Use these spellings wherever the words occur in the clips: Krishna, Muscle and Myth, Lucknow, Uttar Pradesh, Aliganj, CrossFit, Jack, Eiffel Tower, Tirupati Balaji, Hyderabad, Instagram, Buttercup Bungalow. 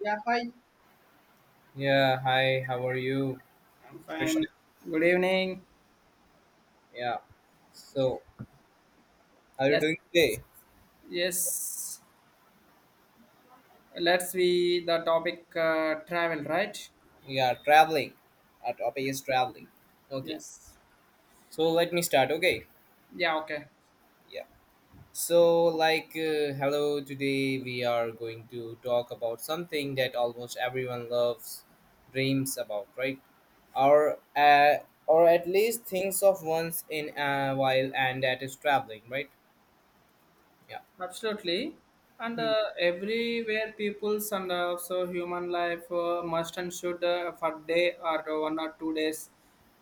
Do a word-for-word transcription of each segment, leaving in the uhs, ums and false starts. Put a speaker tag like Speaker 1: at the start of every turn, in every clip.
Speaker 1: Yeah, hi.
Speaker 2: Yeah, hi, how are you?
Speaker 1: I'm
Speaker 2: Krishna.
Speaker 1: fine. Good evening.
Speaker 2: Yeah. So, how are you
Speaker 1: Let's
Speaker 2: doing today?
Speaker 1: yes, let's be the topic uh, travel, right?
Speaker 2: Yeah, traveling. Our topic is traveling. Okay.
Speaker 1: Yes.
Speaker 2: So, let me start. Okay.
Speaker 1: Yeah, okay.
Speaker 2: Yeah. So, like, uh, hello, today we are going to talk about something that almost everyone loves, dreams about, right? Or, uh, or at least thinks of once in a while, and that is traveling, right? Yeah.
Speaker 1: Absolutely. And
Speaker 2: Hmm.
Speaker 1: uh, everywhere people's and uh, also human life uh, must and should uh, for day or one or two days.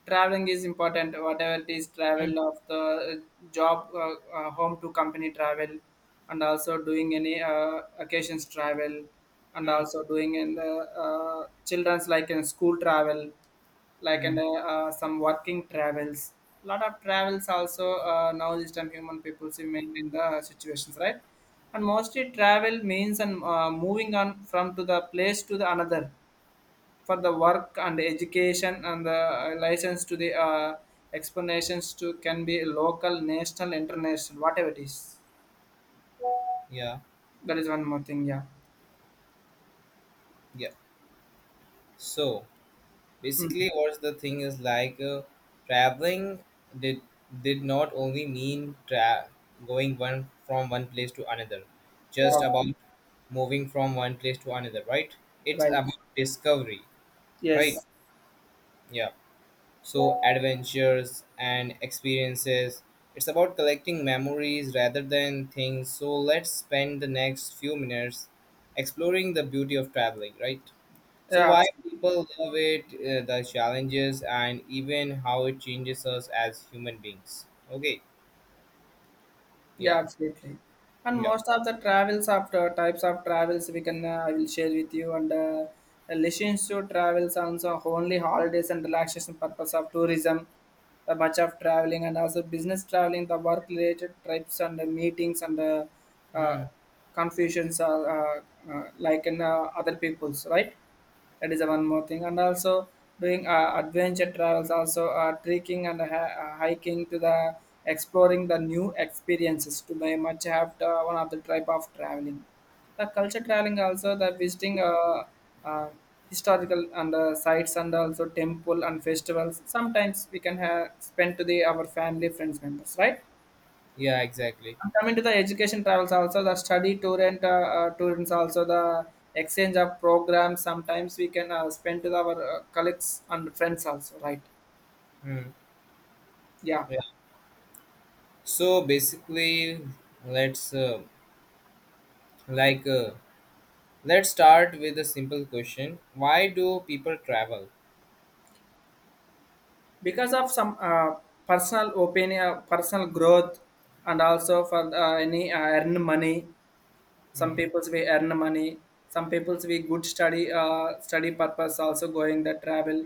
Speaker 1: Traveling is important, whatever it is,
Speaker 2: Hmm.
Speaker 1: travel of the uh, job, uh, uh, home to company travel, and also doing any uh, occasions travel, and
Speaker 2: Hmm. Hmm.
Speaker 1: also doing in the uh, children's like in school travel like
Speaker 2: Hmm.
Speaker 1: and uh, uh, some working travels, lot of travels also uh, now this time human people see mainly in the situations, right? And mostly travel means and uh, moving on from to the place to the another for the work and education and the uh, license to the uh, explanations to can be local, national, international, whatever it is.
Speaker 2: Yeah.
Speaker 1: That is one more thing. Yeah.
Speaker 2: Yeah. So,
Speaker 1: Mm.
Speaker 2: basically what's the thing is like uh, traveling did did not only mean tra- going one from one place to another, just about
Speaker 1: Okay.
Speaker 2: moving from one place to another, right? It's
Speaker 1: Right.
Speaker 2: about discovery, right?
Speaker 1: Yes.
Speaker 2: Yeah. So adventures and experiences, it's about collecting memories rather than things. So let's spend the next few minutes exploring the beauty of traveling, right? So
Speaker 1: Yeah.
Speaker 2: why people love it, uh, the challenges, and even how it changes us as human beings. Okay,
Speaker 1: Yeah,
Speaker 2: yeah,
Speaker 1: absolutely. And
Speaker 2: yeah.
Speaker 1: most of the travels after types of travels we can uh, I will share with you, and uh, relations to travels also only holidays and relaxation purpose of tourism, the much of traveling and also business traveling, the work related trips and uh, meetings and uh, uh,
Speaker 2: Hmm.
Speaker 1: confusions are uh, uh, like in uh, other people's, right? That is the one more thing. And also doing uh, adventure travels, also uh, trekking and hi- uh, hiking to the exploring the new experiences to very much have to, one of the type of traveling. The culture traveling also the visiting uh, uh, historical and uh, sites and also temple and festivals. Sometimes we can have spend to the our family friends members, right?
Speaker 2: Yeah, exactly.
Speaker 1: Coming to the education travels also the study tour and uh, uh, tours also the exchange of programs, sometimes we can uh, spend with our uh, colleagues and friends also, right?
Speaker 2: Hmm.
Speaker 1: Yeah.
Speaker 2: Yeah. So basically, let's uh, like uh, let's start with a simple question: why do people travel?
Speaker 1: Because of some uh, personal opinion uh, personal growth, and also for uh, any uh, earn money, some
Speaker 2: Hmm.
Speaker 1: people's we earn money, some people's we good study uh, study purpose also going the travel,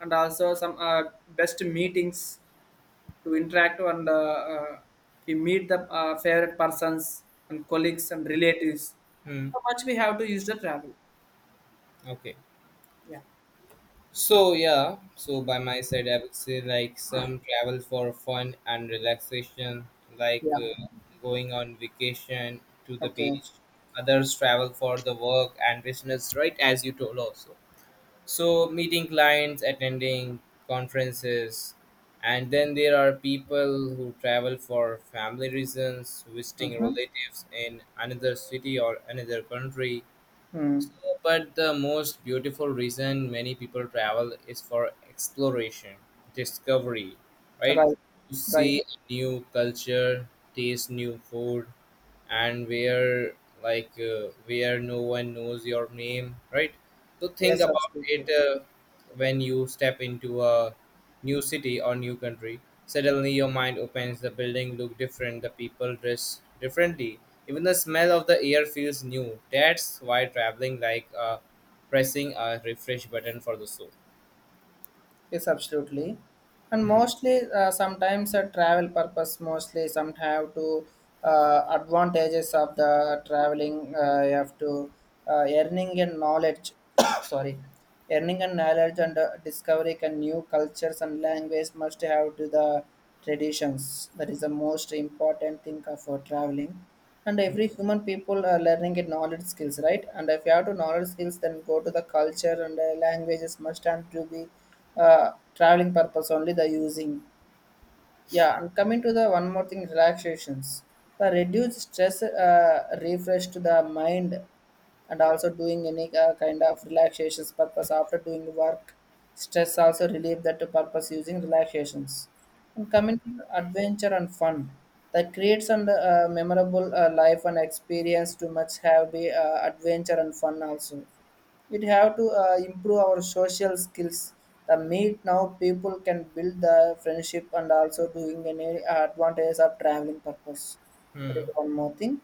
Speaker 1: and also some uh, best meetings to interact and uh, uh, we meet the uh, favorite persons and colleagues and relatives.
Speaker 2: Hmm.
Speaker 1: How much we have to use the travel?
Speaker 2: Okay.
Speaker 1: Yeah.
Speaker 2: So yeah, so by my side, I would say like some travel for fun and relaxation, like
Speaker 1: Yeah.
Speaker 2: uh, going on vacation to the
Speaker 1: Okay.
Speaker 2: beach. Others travel for the work and business, right? As you told also. So meeting clients, attending conferences, and then there are people who travel for family reasons, visiting
Speaker 1: Mm-hmm.
Speaker 2: relatives in another city or another country.
Speaker 1: Mm.
Speaker 2: So, but the most beautiful reason many people travel is for exploration, discovery, right?
Speaker 1: Right.
Speaker 2: To
Speaker 1: Right.
Speaker 2: see a new culture, taste new food, and where like uh, where no one knows your name, right? So think
Speaker 1: Yes,
Speaker 2: about it,
Speaker 1: absolutely.
Speaker 2: uh, when you step into a new city or new country, suddenly your mind opens, the building look different, the people dress differently, even the smell of the air feels new. That's why traveling like uh, pressing a refresh button for the soul.
Speaker 1: Yes, absolutely. And
Speaker 2: Hmm.
Speaker 1: mostly, uh, sometimes a travel purpose, mostly some have to uh, advantages of the traveling. Uh, you have to uh, earning and knowledge. Sorry, earning and knowledge, and uh, discovering and new cultures and language must have to the traditions. That is the most important thing for traveling. And every human people are learning a knowledge skills, right? And if you have to knowledge skills, then go to the culture and uh, languages must and to be uh, traveling purpose only the using. Yeah. And coming to the one more thing relaxations, the reduce stress uh, refresh to the mind, and also doing any uh, kind of relaxations purpose after doing work, stress also relieve that purpose using relaxations. And coming to adventure and fun that creates and uh, memorable uh, life and experience too much have be uh, adventure and fun also. It have to uh, improve our social skills, the meet now people can build the friendship and also doing any advantage of traveling purpose. That
Speaker 2: Hmm.
Speaker 1: is one more thing.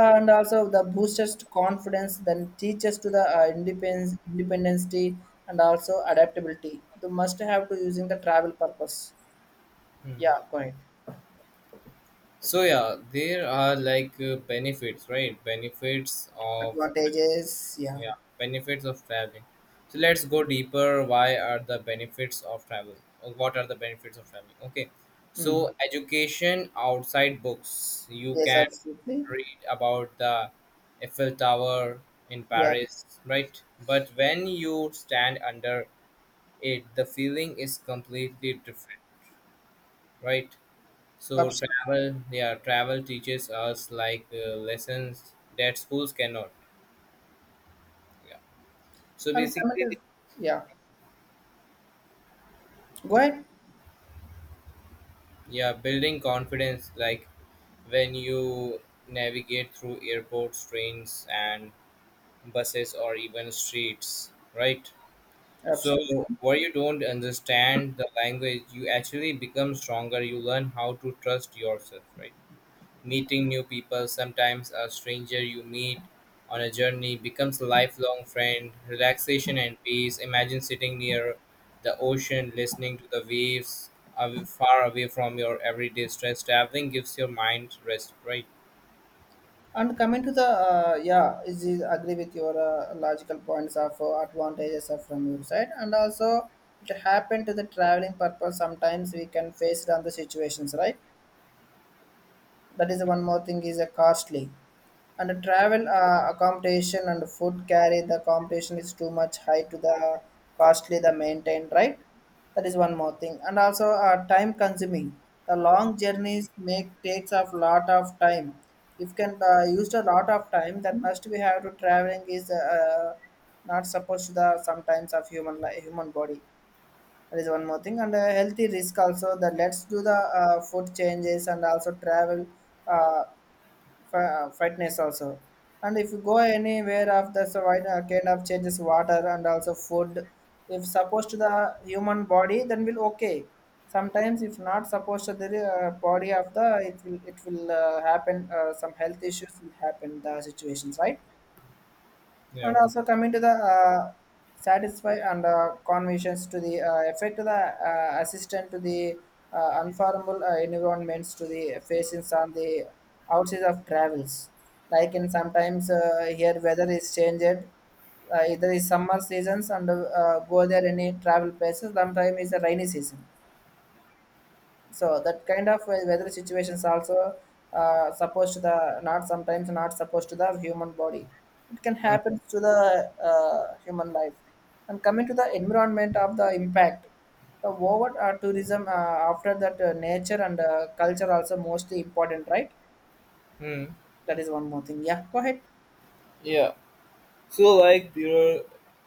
Speaker 1: Uh, and also the boosters to confidence then teaches to the uh, independence independence day, and also adaptability, the must have to using the travel purpose.
Speaker 2: Hmm.
Speaker 1: Yeah, correct.
Speaker 2: So yeah, there are like uh, benefits, right? Benefits of...
Speaker 1: Advantages. Yeah.
Speaker 2: yeah, benefits of traveling. So let's go deeper. Why are the benefits of travel? Or what are the benefits of traveling? Okay,
Speaker 1: Mm.
Speaker 2: so education outside books. You
Speaker 1: Yes,
Speaker 2: can
Speaker 1: absolutely.
Speaker 2: read about the Eiffel Tower in
Speaker 1: Yeah,
Speaker 2: Paris, right? But when you stand under it, the feeling is completely different, right? So
Speaker 1: absolutely.
Speaker 2: travel, yeah, travel teaches us like uh, lessons that schools cannot. Yeah. So
Speaker 1: And
Speaker 2: basically,
Speaker 1: committed. Yeah, go ahead.
Speaker 2: yeah, building confidence like when you navigate through airports, trains, and buses, or even streets, right? So,
Speaker 1: Absolutely.
Speaker 2: where you don't understand the language, you actually become stronger. You learn how to trust yourself, right? Meeting new people, sometimes a stranger you meet on a journey, becomes a lifelong friend. Relaxation and peace. Imagine sitting near the ocean, listening to the waves, away, far away from your everyday stress. Traveling gives your mind rest, right?
Speaker 1: And coming to the uh, yeah, is is agree with your uh, logical points of uh, advantages of from your side, and also it happened to the traveling purpose. Sometimes we can face it on the situations, right? That is one more thing is a costly, and the travel uh, accommodation and food carry, the accommodation is too much high to the costly the maintain, right? That is one more thing. And also uh, time consuming, the long journeys make takes a lot of time. If can uh, used a lot of time, then must we have to traveling is uh, not supposed to the sometimes of human li- human body. There is one more thing, and uh, healthy risk also. That let's do the uh, food changes and also travel uh, fi- uh, fitness also. And if you go anywhere of the so why- uh, kind of changes water and also food, if supposed to the human body, then will okay. Sometimes if not supposed to the uh, body of the, it will it will uh, happen. Uh, some health issues will happen. The situations, right?
Speaker 2: Yeah.
Speaker 1: And also coming to the uh, satisfy and uh, conversions to the uh, effect to the uh, assistant to the uh, unformable uh, environments to the facings on the outside of travels. Like in sometimes uh, here weather is changed. Uh, either is summer seasons, and uh, go there any travel places. Sometimes is a rainy season, so that kind of uh, weather situations also uh, supposed to the not sometimes not supposed to the human body, it can happen to the uh, human life. And coming to the environment of the impact, the over uh, tourism uh, after that uh, nature and uh, culture also mostly important, right?
Speaker 2: Hmm.
Speaker 1: That is one more thing. Yeah, go ahead.
Speaker 2: Yeah. So like there are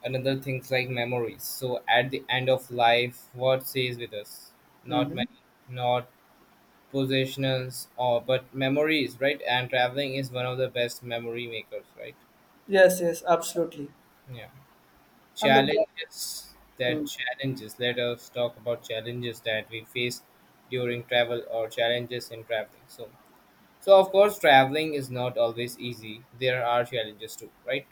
Speaker 2: another things like memories. So at the end of life, what stays with us? Not
Speaker 1: Hmm.
Speaker 2: many. Not possessions, or but memories, right? And traveling is one of the best memory makers, right?
Speaker 1: Yes, yes, absolutely.
Speaker 2: Yeah.
Speaker 1: And the-
Speaker 2: Challenges, that
Speaker 1: mm,
Speaker 2: challenges, let us talk about challenges that we face during travel, or challenges in traveling. So, so of course traveling is not always easy, there are challenges too, right?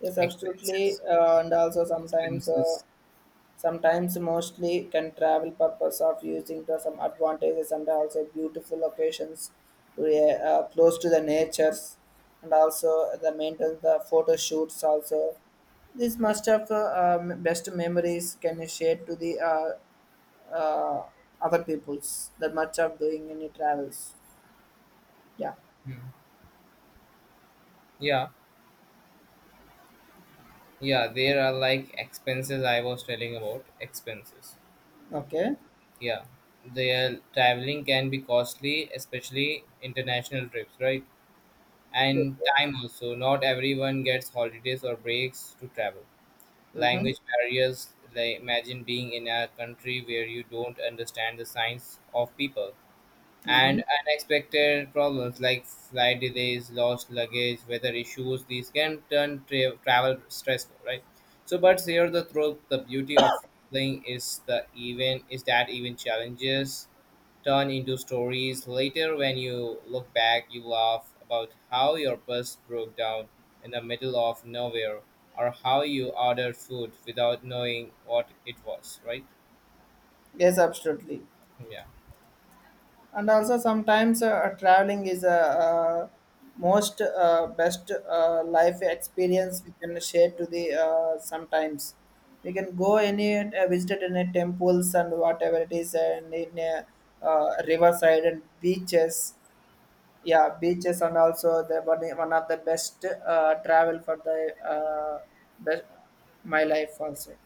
Speaker 1: yes absolutely
Speaker 2: Expenses,
Speaker 1: uh, and also sometimes uh,
Speaker 2: expenses.
Speaker 1: sometimes mostly can travel purpose of using to some advantages and also beautiful locations to uh, uh, close to the natures, and also the maintain the photo shoots also. This must have uh, um, best memories can share to the uh, uh, other peoples that much of doing any travels. Yeah.
Speaker 2: Hmm. Yeah, yeah, there are like expenses, I was telling about expenses.
Speaker 1: Okay.
Speaker 2: Yeah, the traveling can be costly, especially international trips, right?
Speaker 1: Okay.
Speaker 2: And time also. Not everyone gets holidays or breaks to travel.
Speaker 1: Mm-hmm.
Speaker 2: Language barriers, like imagine being in a country where you don't understand the signs of people.
Speaker 1: Mm-hmm.
Speaker 2: And unexpected problems like flight delays, lost luggage, weather issues, these can turn tra- travel stressful, right? So, but here the truth, the beauty of traveling is the even is that even challenges turn into stories later. When you look back, you laugh about how your bus broke down in the middle of nowhere, or how you ordered food without knowing what it was, right?
Speaker 1: Yes, absolutely.
Speaker 2: Yeah.
Speaker 1: And also sometimes uh, traveling is a uh, uh, most uh, best uh, life experience we can share to the uh, sometimes we can go any uh, visited any temples and whatever it is, and in a uh, riverside and beaches. Yeah, beaches, and also the one, one of the best uh, travel for the uh, best my life also.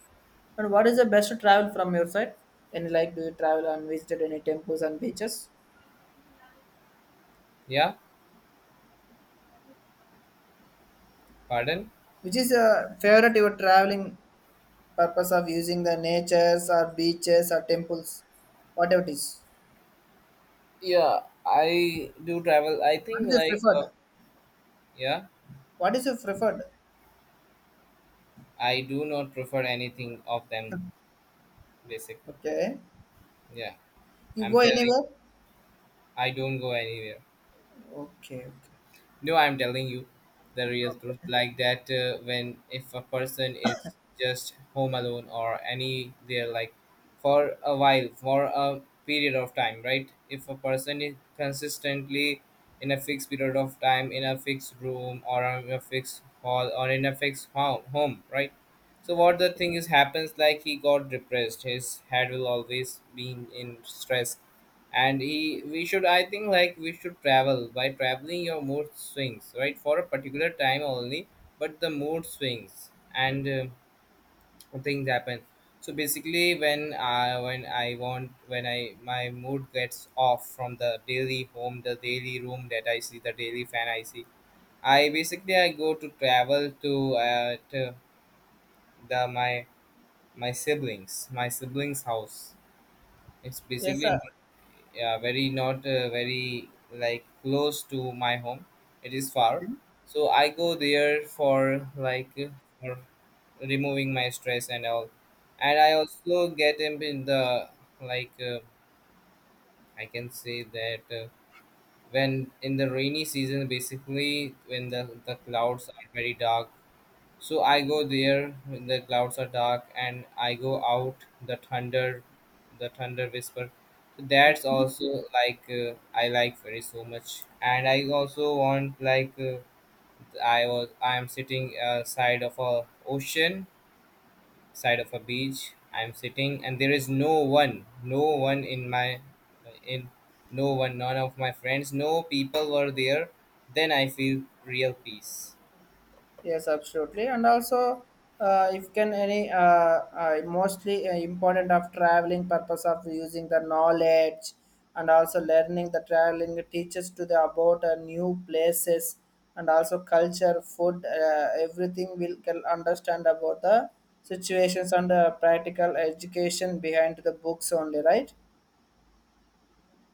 Speaker 1: And what is the best travel from your side, any like do you travel and visited any temples and beaches?
Speaker 2: Yeah. Pardon?
Speaker 1: Which is a favorite your traveling purpose of using the natures or beaches or temples, whatever it is.
Speaker 2: Yeah, I do travel. I think
Speaker 1: What is your
Speaker 2: like uh,
Speaker 1: preferred?
Speaker 2: yeah,
Speaker 1: What is your preferred?
Speaker 2: I do not prefer anything of them basically.
Speaker 1: Okay.
Speaker 2: Yeah,
Speaker 1: You
Speaker 2: I'm
Speaker 1: go
Speaker 2: telling,
Speaker 1: anywhere?
Speaker 2: I don't go anywhere.
Speaker 1: Okay, okay.
Speaker 2: No, I'm telling you the real truth. Like that, uh, when if a person is just home alone or any there, like for a while, for a period of time, right? If a person is consistently in a fixed period of time in a fixed room or in a fixed hall or in a fixed home, home, right? So what the thing is happens like he got depressed. His head will always be in stress, and he we should i think like we should travel. By traveling your mood swings, right, for a particular time only, but the mood swings and uh, things happen. So basically when I, when I want, when I, my mood gets off from the daily home, the daily room that I see, the daily fan I see, i basically i go to travel to uh to the my my siblings my siblings house. It's
Speaker 1: Yes,
Speaker 2: basically...
Speaker 1: sir.
Speaker 2: yeah, very not uh, very like close to my home, it is far. So I go there for like uh, for removing my stress and all. And I also get him in the like uh, I can say that, uh, when in the rainy season, basically when the, the clouds are very dark, so I go there when the clouds are dark and I go out, the thunder, the thunder whisper. So, that's also like uh, I like very so much. And I also want like uh, I was, I am sitting uh, side of a ocean, side of a beach, I'm sitting and there is no one, no one in my, in, no one, none of my friends, no people were there, then I feel real peace.
Speaker 1: Yes, absolutely. And also, uh, if can any uh, uh, mostly uh, important of traveling purpose of using the knowledge, and also learning the traveling teaches to the about uh, new places and also culture, food, uh, everything will can understand about the situations and the practical education behind the books only, right?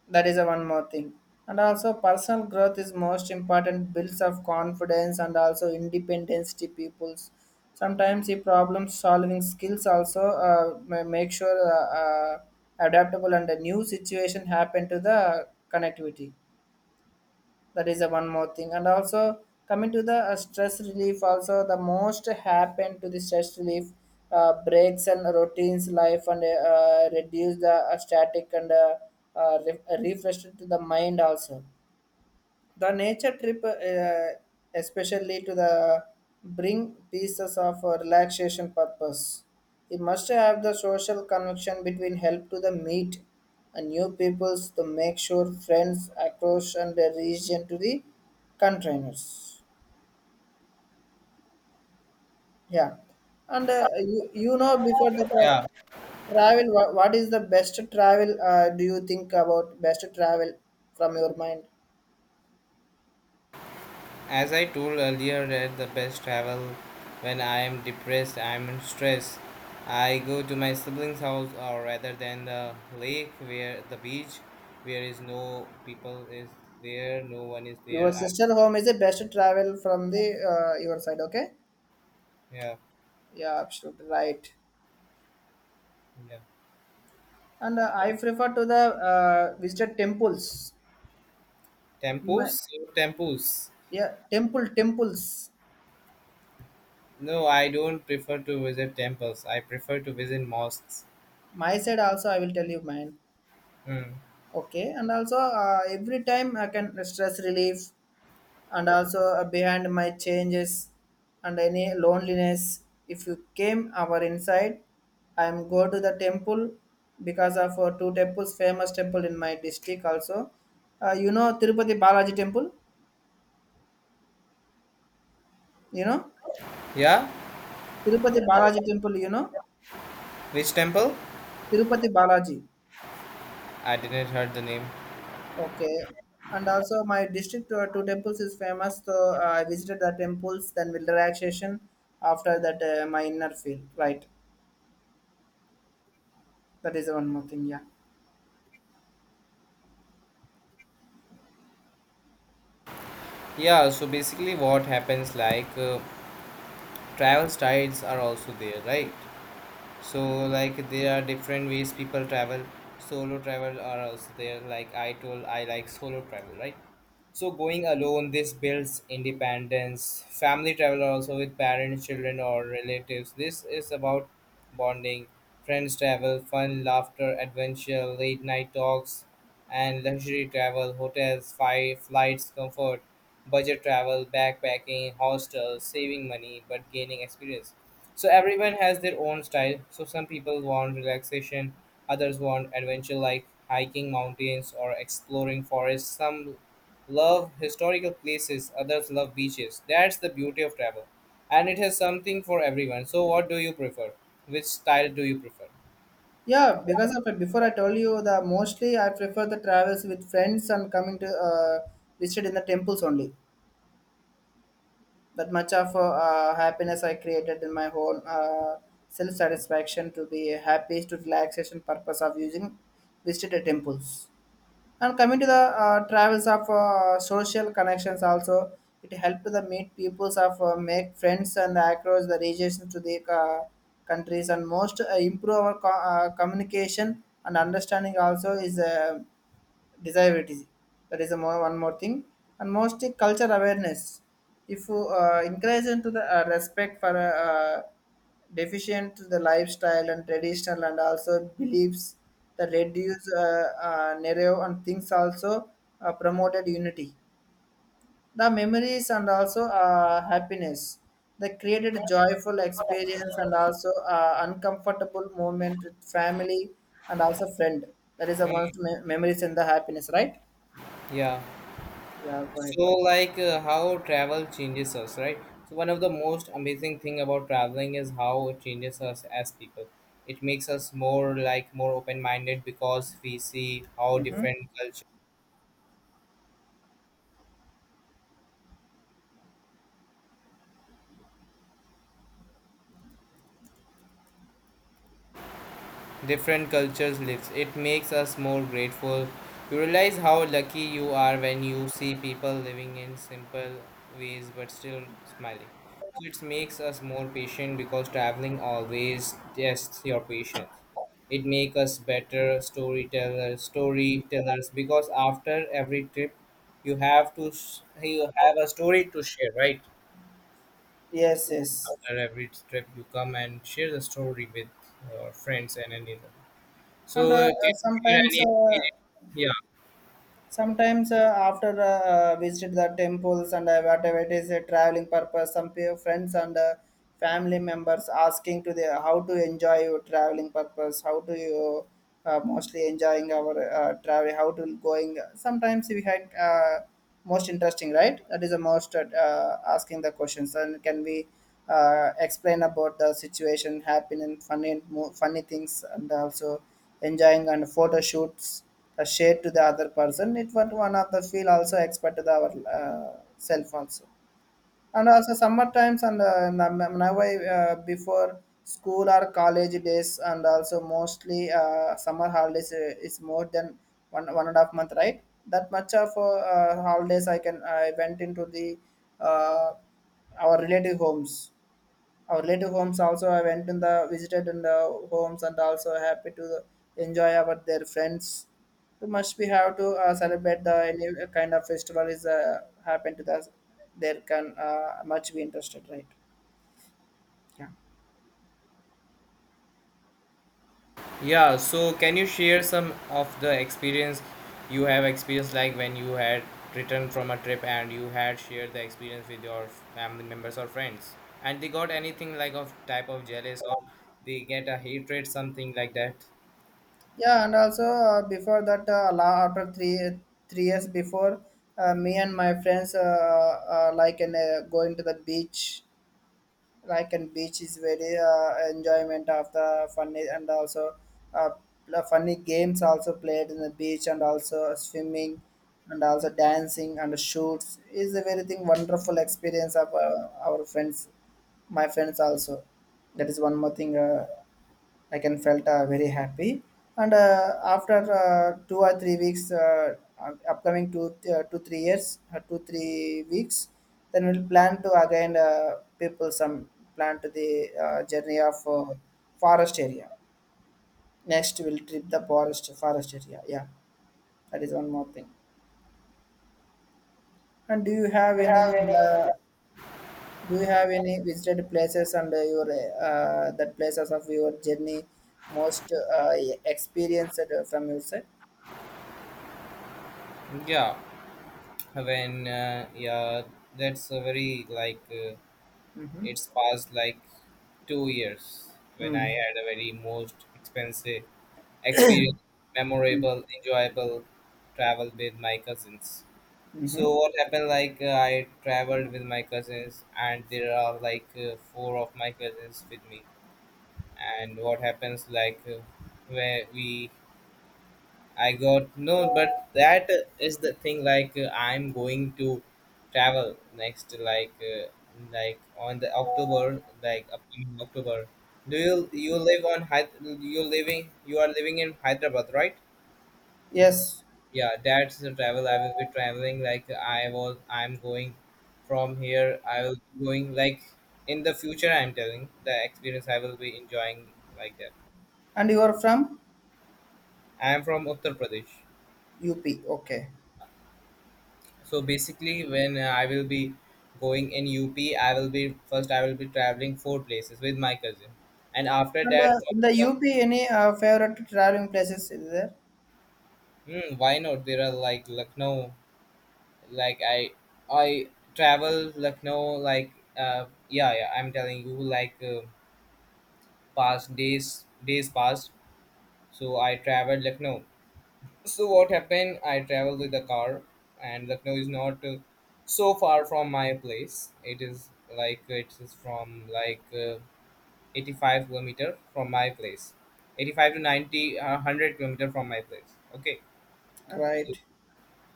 Speaker 1: That is a one more thing. And also personal growth is most important builds of confidence and also independence to peoples. Sometimes the problem solving skills also uh, ma- make sure uh, uh, adaptable and a new situation happen to the connectivity. That is the one more thing. And also coming to the uh, stress relief also the most happen to the stress relief uh, breaks and routines life, and uh, reduce the uh, static and uh, uh, re- refresh to the mind also, the nature trip uh, especially to the bring pieces of uh, relaxation purpose. It must have the social connection between help to the meet and new peoples to make sure friends across and the region to the containers. Yeah. And uh, you, you know before the
Speaker 2: Yeah.
Speaker 1: tra- travel, what, what is the best travel uh, do you think about best travel from your mind?
Speaker 2: As I told earlier, that the best travel, when I am depressed, I am in stress, I go to my siblings' house or rather than the lake, where the beach, where is no people is there, no one is
Speaker 1: Your
Speaker 2: there. I...
Speaker 1: sister home is the best travel from the uh, your side. Okay,
Speaker 2: yeah,
Speaker 1: yeah, absolutely right.
Speaker 2: yeah.
Speaker 1: And uh, I prefer to the uh, visited temples. My,
Speaker 2: Temples? Temples.
Speaker 1: yeah, temple temples.
Speaker 2: No, I don't prefer to visit temples. I prefer to visit mosques.
Speaker 1: My side also I will tell you mine.
Speaker 2: Hmm.
Speaker 1: Okay, and also uh, every time I can stress relief, and also uh, behind my changes and any loneliness if you came our inside, I am go to the temple because of uh, two temples famous temple in my district also. Uh, you know Tirupati Balaji temple, you know
Speaker 2: Yeah?
Speaker 1: Tirupati Balaji temple, you know
Speaker 2: Which temple?
Speaker 1: Tirupati Balaji.
Speaker 2: I didn't heard the name.
Speaker 1: Okay. And also my district uh, two temples is famous, so uh, I visited the temples then will relaxation. After that uh, my inner feel right, that is one more thing. Yeah.
Speaker 2: Yeah, so basically what happens like uh, travel styles are also there, right? So like there are different ways people travel. Solo travel are also there, like I told I like solo travel, right? So going alone, this builds independence. Family travel also with parents, children, or relatives, this is about bonding. Friends travel, fun, laughter, adventure, late night talks. And luxury travel, hotels, fi- flights, comfort. Budget travel, backpacking, hostels, saving money but gaining experience. So everyone has their own style. So some people want relaxation, others want adventure like hiking mountains or exploring forests. Some love historical places, others love beaches. That's the beauty of travel. And it has something for everyone. So what do you prefer? Which style do you prefer?
Speaker 1: Yeah, because of it, before I told you the mostly I prefer the travels with friends and coming to uh, visit in the temples only. That much of uh, uh, happiness I created in my own uh, self satisfaction to be happy to relaxation purpose of using visited temples. And coming to the uh, travels of uh, social connections also, it helped the meet peoples of uh, make friends and across the regions to the uh, countries, and most uh, improve our co- uh, communication and understanding also is uh, desirability. That is a more, one more thing. And most culture awareness. If you uh, encourage into the uh, respect for uh, deficient to the lifestyle and traditional and also beliefs that reduce uh, uh, narrow and things, also uh, promoted unity, the memories and also uh, happiness. They created joyful experience and also uh, uncomfortable moment with family and also friend. That is the most me- memories and the happiness, right?
Speaker 2: Yeah.
Speaker 1: Yeah, go ahead.
Speaker 2: So, like uh, how travel changes us, right? So, one of the most amazing thing about traveling is how it changes us as people. It makes us more like more open minded because we see how different cultures different cultures lives. It makes us more grateful. You realize how lucky you are when you see people living in simple ways but still smiling. So it makes us more patient because traveling always tests your patience. It makes us better storytellers, storytellers because after every trip, you have to sh- you have a story to share, right?
Speaker 1: Yes, yes.
Speaker 2: After every trip, you come and share the story with your friends and another.
Speaker 1: And
Speaker 2: So,
Speaker 1: uh,
Speaker 2: uh, can
Speaker 1: uh,
Speaker 2: you share any
Speaker 1: sometimes
Speaker 2: experience?
Speaker 1: uh,
Speaker 2: Yeah,
Speaker 1: sometimes uh, after uh, uh, visited the temples and uh, whatever it is a traveling purpose, some pe- friends and uh, family members asking to the how to enjoy your traveling purpose, how to you uh, mostly enjoying our uh, travel, how to going. Uh, sometimes we had uh, most interesting, right? That is the most uh, uh, asking the questions. And can we uh, explain about the situation happening funny mo- funny things and also enjoying and photo shoots uh, shared to the other person. It was one of the feel also expert to our uh, cell phones. And also sometimes and uh, nam- now I, uh, before school or college days and also mostly uh, summer holidays uh, is more than one one and a half month, right? That much of uh, uh, holidays i can i went into the uh, our relative homes. Our relative homes also I went in the visited in the homes and also happy to enjoy our their friends. So must we have to uh, celebrate the any kind of festival is uh, happen to us. There can uh, much be interested, right? Yeah.
Speaker 2: yeah. So, can you share some of the experience you have experienced, like when you had returned from a trip and you had shared the experience with your family members or friends, and they got anything like of type of jealous, or they get a hatred, something like that?
Speaker 1: Yeah, and also uh, before that, uh, la- after three three years before, uh, me and my friends uh, uh, like in uh, going to the beach. Like and beach is very uh, enjoyment of the funny and also uh, the funny games also played in the beach and also swimming and also dancing and shoots is a very thing wonderful experience of uh, our friends, my friends also. That is one more thing. uh, I can felt uh, very happy. And uh, after uh, two or three weeks, uh, up- upcoming two uh, two three years, uh, two three weeks, then we'll plan to again uh, people some plan to the uh, journey of uh, forest area. Next, we'll trip the forest forest area. Yeah, that is one more thing. And do you have any? Uh, do you have any visited places and uh, your uh, that places of your journey most uh, experienced uh, from your side?
Speaker 2: Yeah, when uh, yeah, that's a very like uh,
Speaker 1: Mm-hmm.
Speaker 2: it's past like two years when
Speaker 1: Mm-hmm.
Speaker 2: I had a very most expensive experience, memorable, enjoyable travel with my cousins.
Speaker 1: Mm-hmm.
Speaker 2: So what happened? Like uh, I traveled with my cousins, and there are like uh, four of my cousins with me. And what happens? Like uh, where we, I got no, but that is the thing. Like uh, I'm going to travel next, like uh, like on the October, like upcoming October. Do you, you live on Hy- you living, you are living in Hyderabad, right?
Speaker 1: Yes.
Speaker 2: Yeah, that's the travel I will be traveling, like I was, I'm going from here, I will be going like in the future. I'm telling the experience I will be enjoying, like that.
Speaker 1: And you are from
Speaker 2: I am from Uttar Pradesh.
Speaker 1: U P. Okay.
Speaker 2: So basically when uh, I will be going in UP, I will be first, I will be traveling four places with my cousin, and after
Speaker 1: And
Speaker 2: that...
Speaker 1: uh, in the U P, any uh, favorite traveling places is there?
Speaker 2: hmm, why not? There are like Lucknow, like I I travel Lucknow, like uh yeah, yeah. I'm telling you, like uh, past days, days passed. So I traveled Lucknow. So what happened? I traveled with the car, and Lucknow is not uh, so far from my place. It is like it is from like uh, eighty-five kilometer from my place, eighty-five to ninety, uh, one hundred kilometer from my place. Okay. So,
Speaker 1: Right.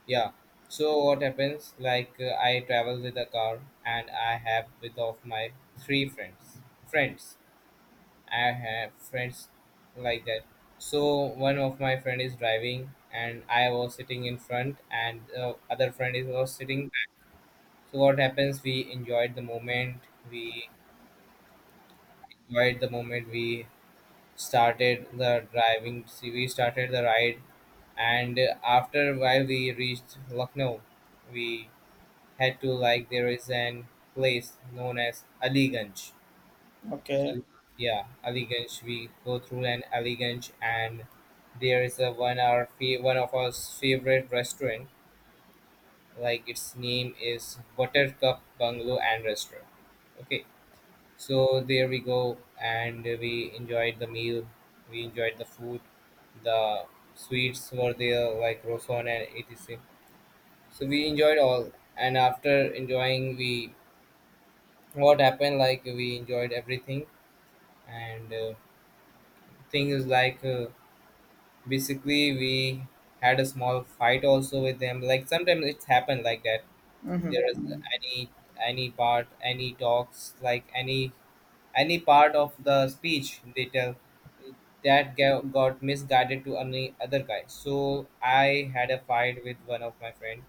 Speaker 2: yeah. So what happens? Like uh, I travel with a car, and I have with of my three friends. Friends I have friends like that. So one of my friend is driving and I was sitting in front and the other friend is was sitting back. So what happens, we enjoyed the moment, we enjoyed the moment we started the driving. See, we started the ride and uh, after a while we reached Lucknow. We had to, like, there is an place known as Aliganj,
Speaker 1: Okay.
Speaker 2: yeah, Aliganj. We go through an Aliganj, and there is a one our fa- one of our favorite restaurant. Like, its name is Buttercup Bungalow and Restaurant. Okay, so there we go, and we enjoyed the meal. We enjoyed the food. The sweets were there, like Roson and et cetera. So we enjoyed all, and after enjoying, we, what happened, like, we enjoyed everything, and uh, thing is like. Uh, basically we had a small fight also with them, like sometimes it's happened like that. There is any any part any talks, like any any part of the speech they tell that ga- got misguided to any other guy. So I had a fight with one of my friend.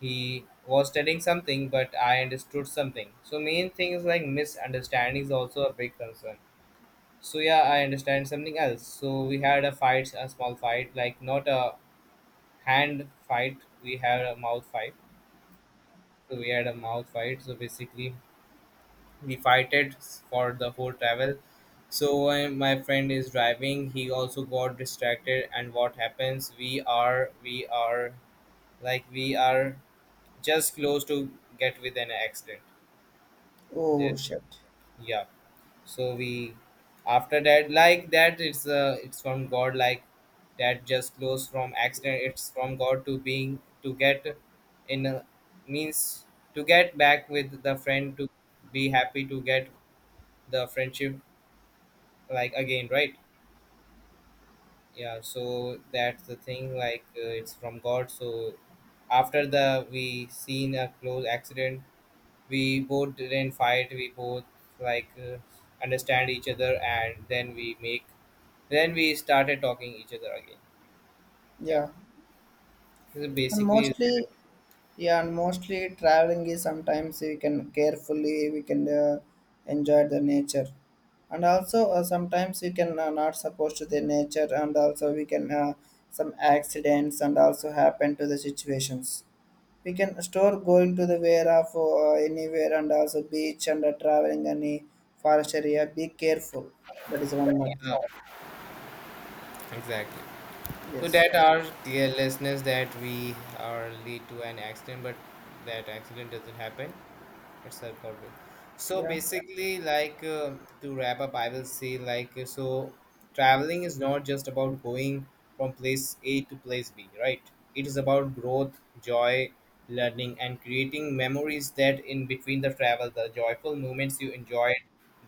Speaker 2: He was telling something but I understood something. So main thing is like misunderstanding is also a big concern. So yeah, I understand something else, so we had a fight, a small fight, like not a hand fight, we had a mouth fight. So we had a mouth fight, so basically we fighted for the whole travel. So uh, my friend is driving, he also got distracted, and what happens, we are we are like we are just close to get with an accident.
Speaker 1: Oh,
Speaker 2: That-
Speaker 1: shit.
Speaker 2: yeah, so we, after that, like that, it's uh, it's from god. Like that just flows from accident, it's from god to being to get in a, means to get back with the friend, to be happy, to get the friendship like again, right? Yeah, so that's the thing, like uh, it's from god. So after the we seen a close accident, we both didn't fight, we both, like uh, understand each other, and then we make. Then we started talking each other again. Yeah,
Speaker 1: Yeah.
Speaker 2: this is
Speaker 1: And
Speaker 2: basically,
Speaker 1: mostly, yeah, and mostly traveling is sometimes we can carefully we can uh, enjoy the nature. And also uh, sometimes we can uh, not supposed to the nature and also we can uh, some accidents and also happen to the situations. We can store going to the where of uh, anywhere and also beach and uh, traveling any forest area, be careful. That is one more thing.
Speaker 2: yeah, exactly. So
Speaker 1: Yes.
Speaker 2: that our carelessness that we are lead to an accident, but that accident doesn't happen. It's helpful. So
Speaker 1: Yeah.
Speaker 2: basically, like uh, to wrap up I will say, like uh, so traveling is not just about going from place A to place B, right? It is about growth, joy, learning and creating memories, that in between the travel, the joyful moments you enjoyed,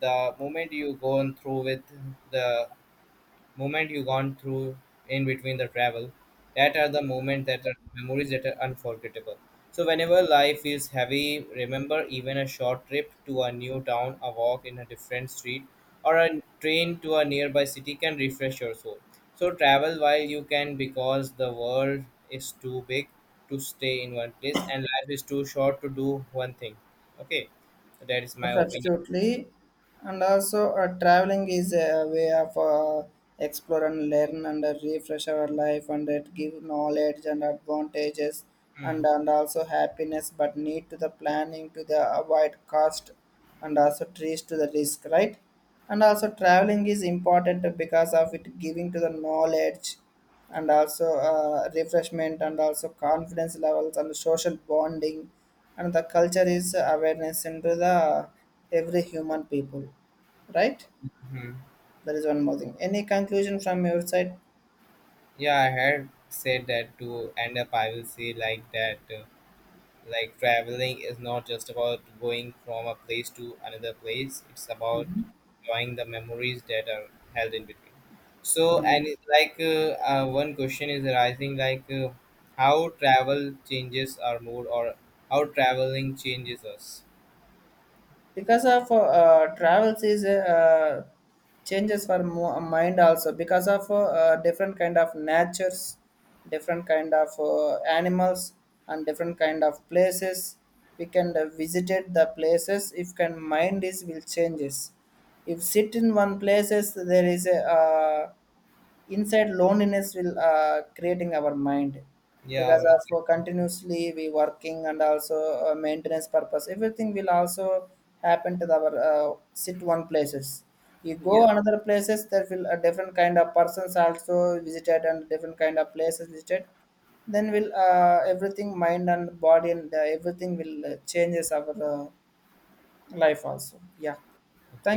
Speaker 2: the moment you go on through with, the moment you gone through in between the travel, that are the moment, that are memories that are unforgettable. So whenever life feels heavy, remember, even a short trip to a new town, a walk in a different street, or a train to a nearby city can refresh your soul. So travel while you can, because the world is too big to stay in one place, and life is too short to do one thing. Okay, that is my opinion.
Speaker 1: Absolutely. And also, uh, traveling is a way of uh, explore and learn and uh, refresh our life, and it give knowledge and advantages,
Speaker 2: Hmm.
Speaker 1: and and also happiness. But need to the planning to the avoid cost, and also trees to the risk, right? And also, traveling is important because of it giving to the knowledge and also uh, refreshment and also confidence levels and social bonding and the culture is awareness into the every human people, right?
Speaker 2: Hmm.
Speaker 1: That is one more thing. Any conclusion from your side?
Speaker 2: Yeah, I had said that, to end up I will say like that. uh, Like, traveling is not just about going from a place to another place; it's about enjoying the memories that are held in between. So, and it's like uh, uh, one question is arising, like uh, how travel changes our mood, or how traveling changes us.
Speaker 1: Because of uh, uh, travels is uh, changes for mo- mind also. Because of uh, uh, different kind of natures, different kind of uh, animals and different kind of places, we can uh, visited the places. If can mind is will changes. If sit in one places, there is a uh, inside loneliness will uh, creating our mind.
Speaker 2: Yeah,
Speaker 1: Because of uh,
Speaker 2: exactly.
Speaker 1: continuously we working and also uh, maintenance purpose everything will also happen to our uh, sit one places. You go
Speaker 2: Yeah.
Speaker 1: another places, there will a different kind of persons also visited and different kind of places visited. Then will uh, everything mind and body and uh, everything will uh, changes our uh, life also. Yeah, thank
Speaker 2: Okay.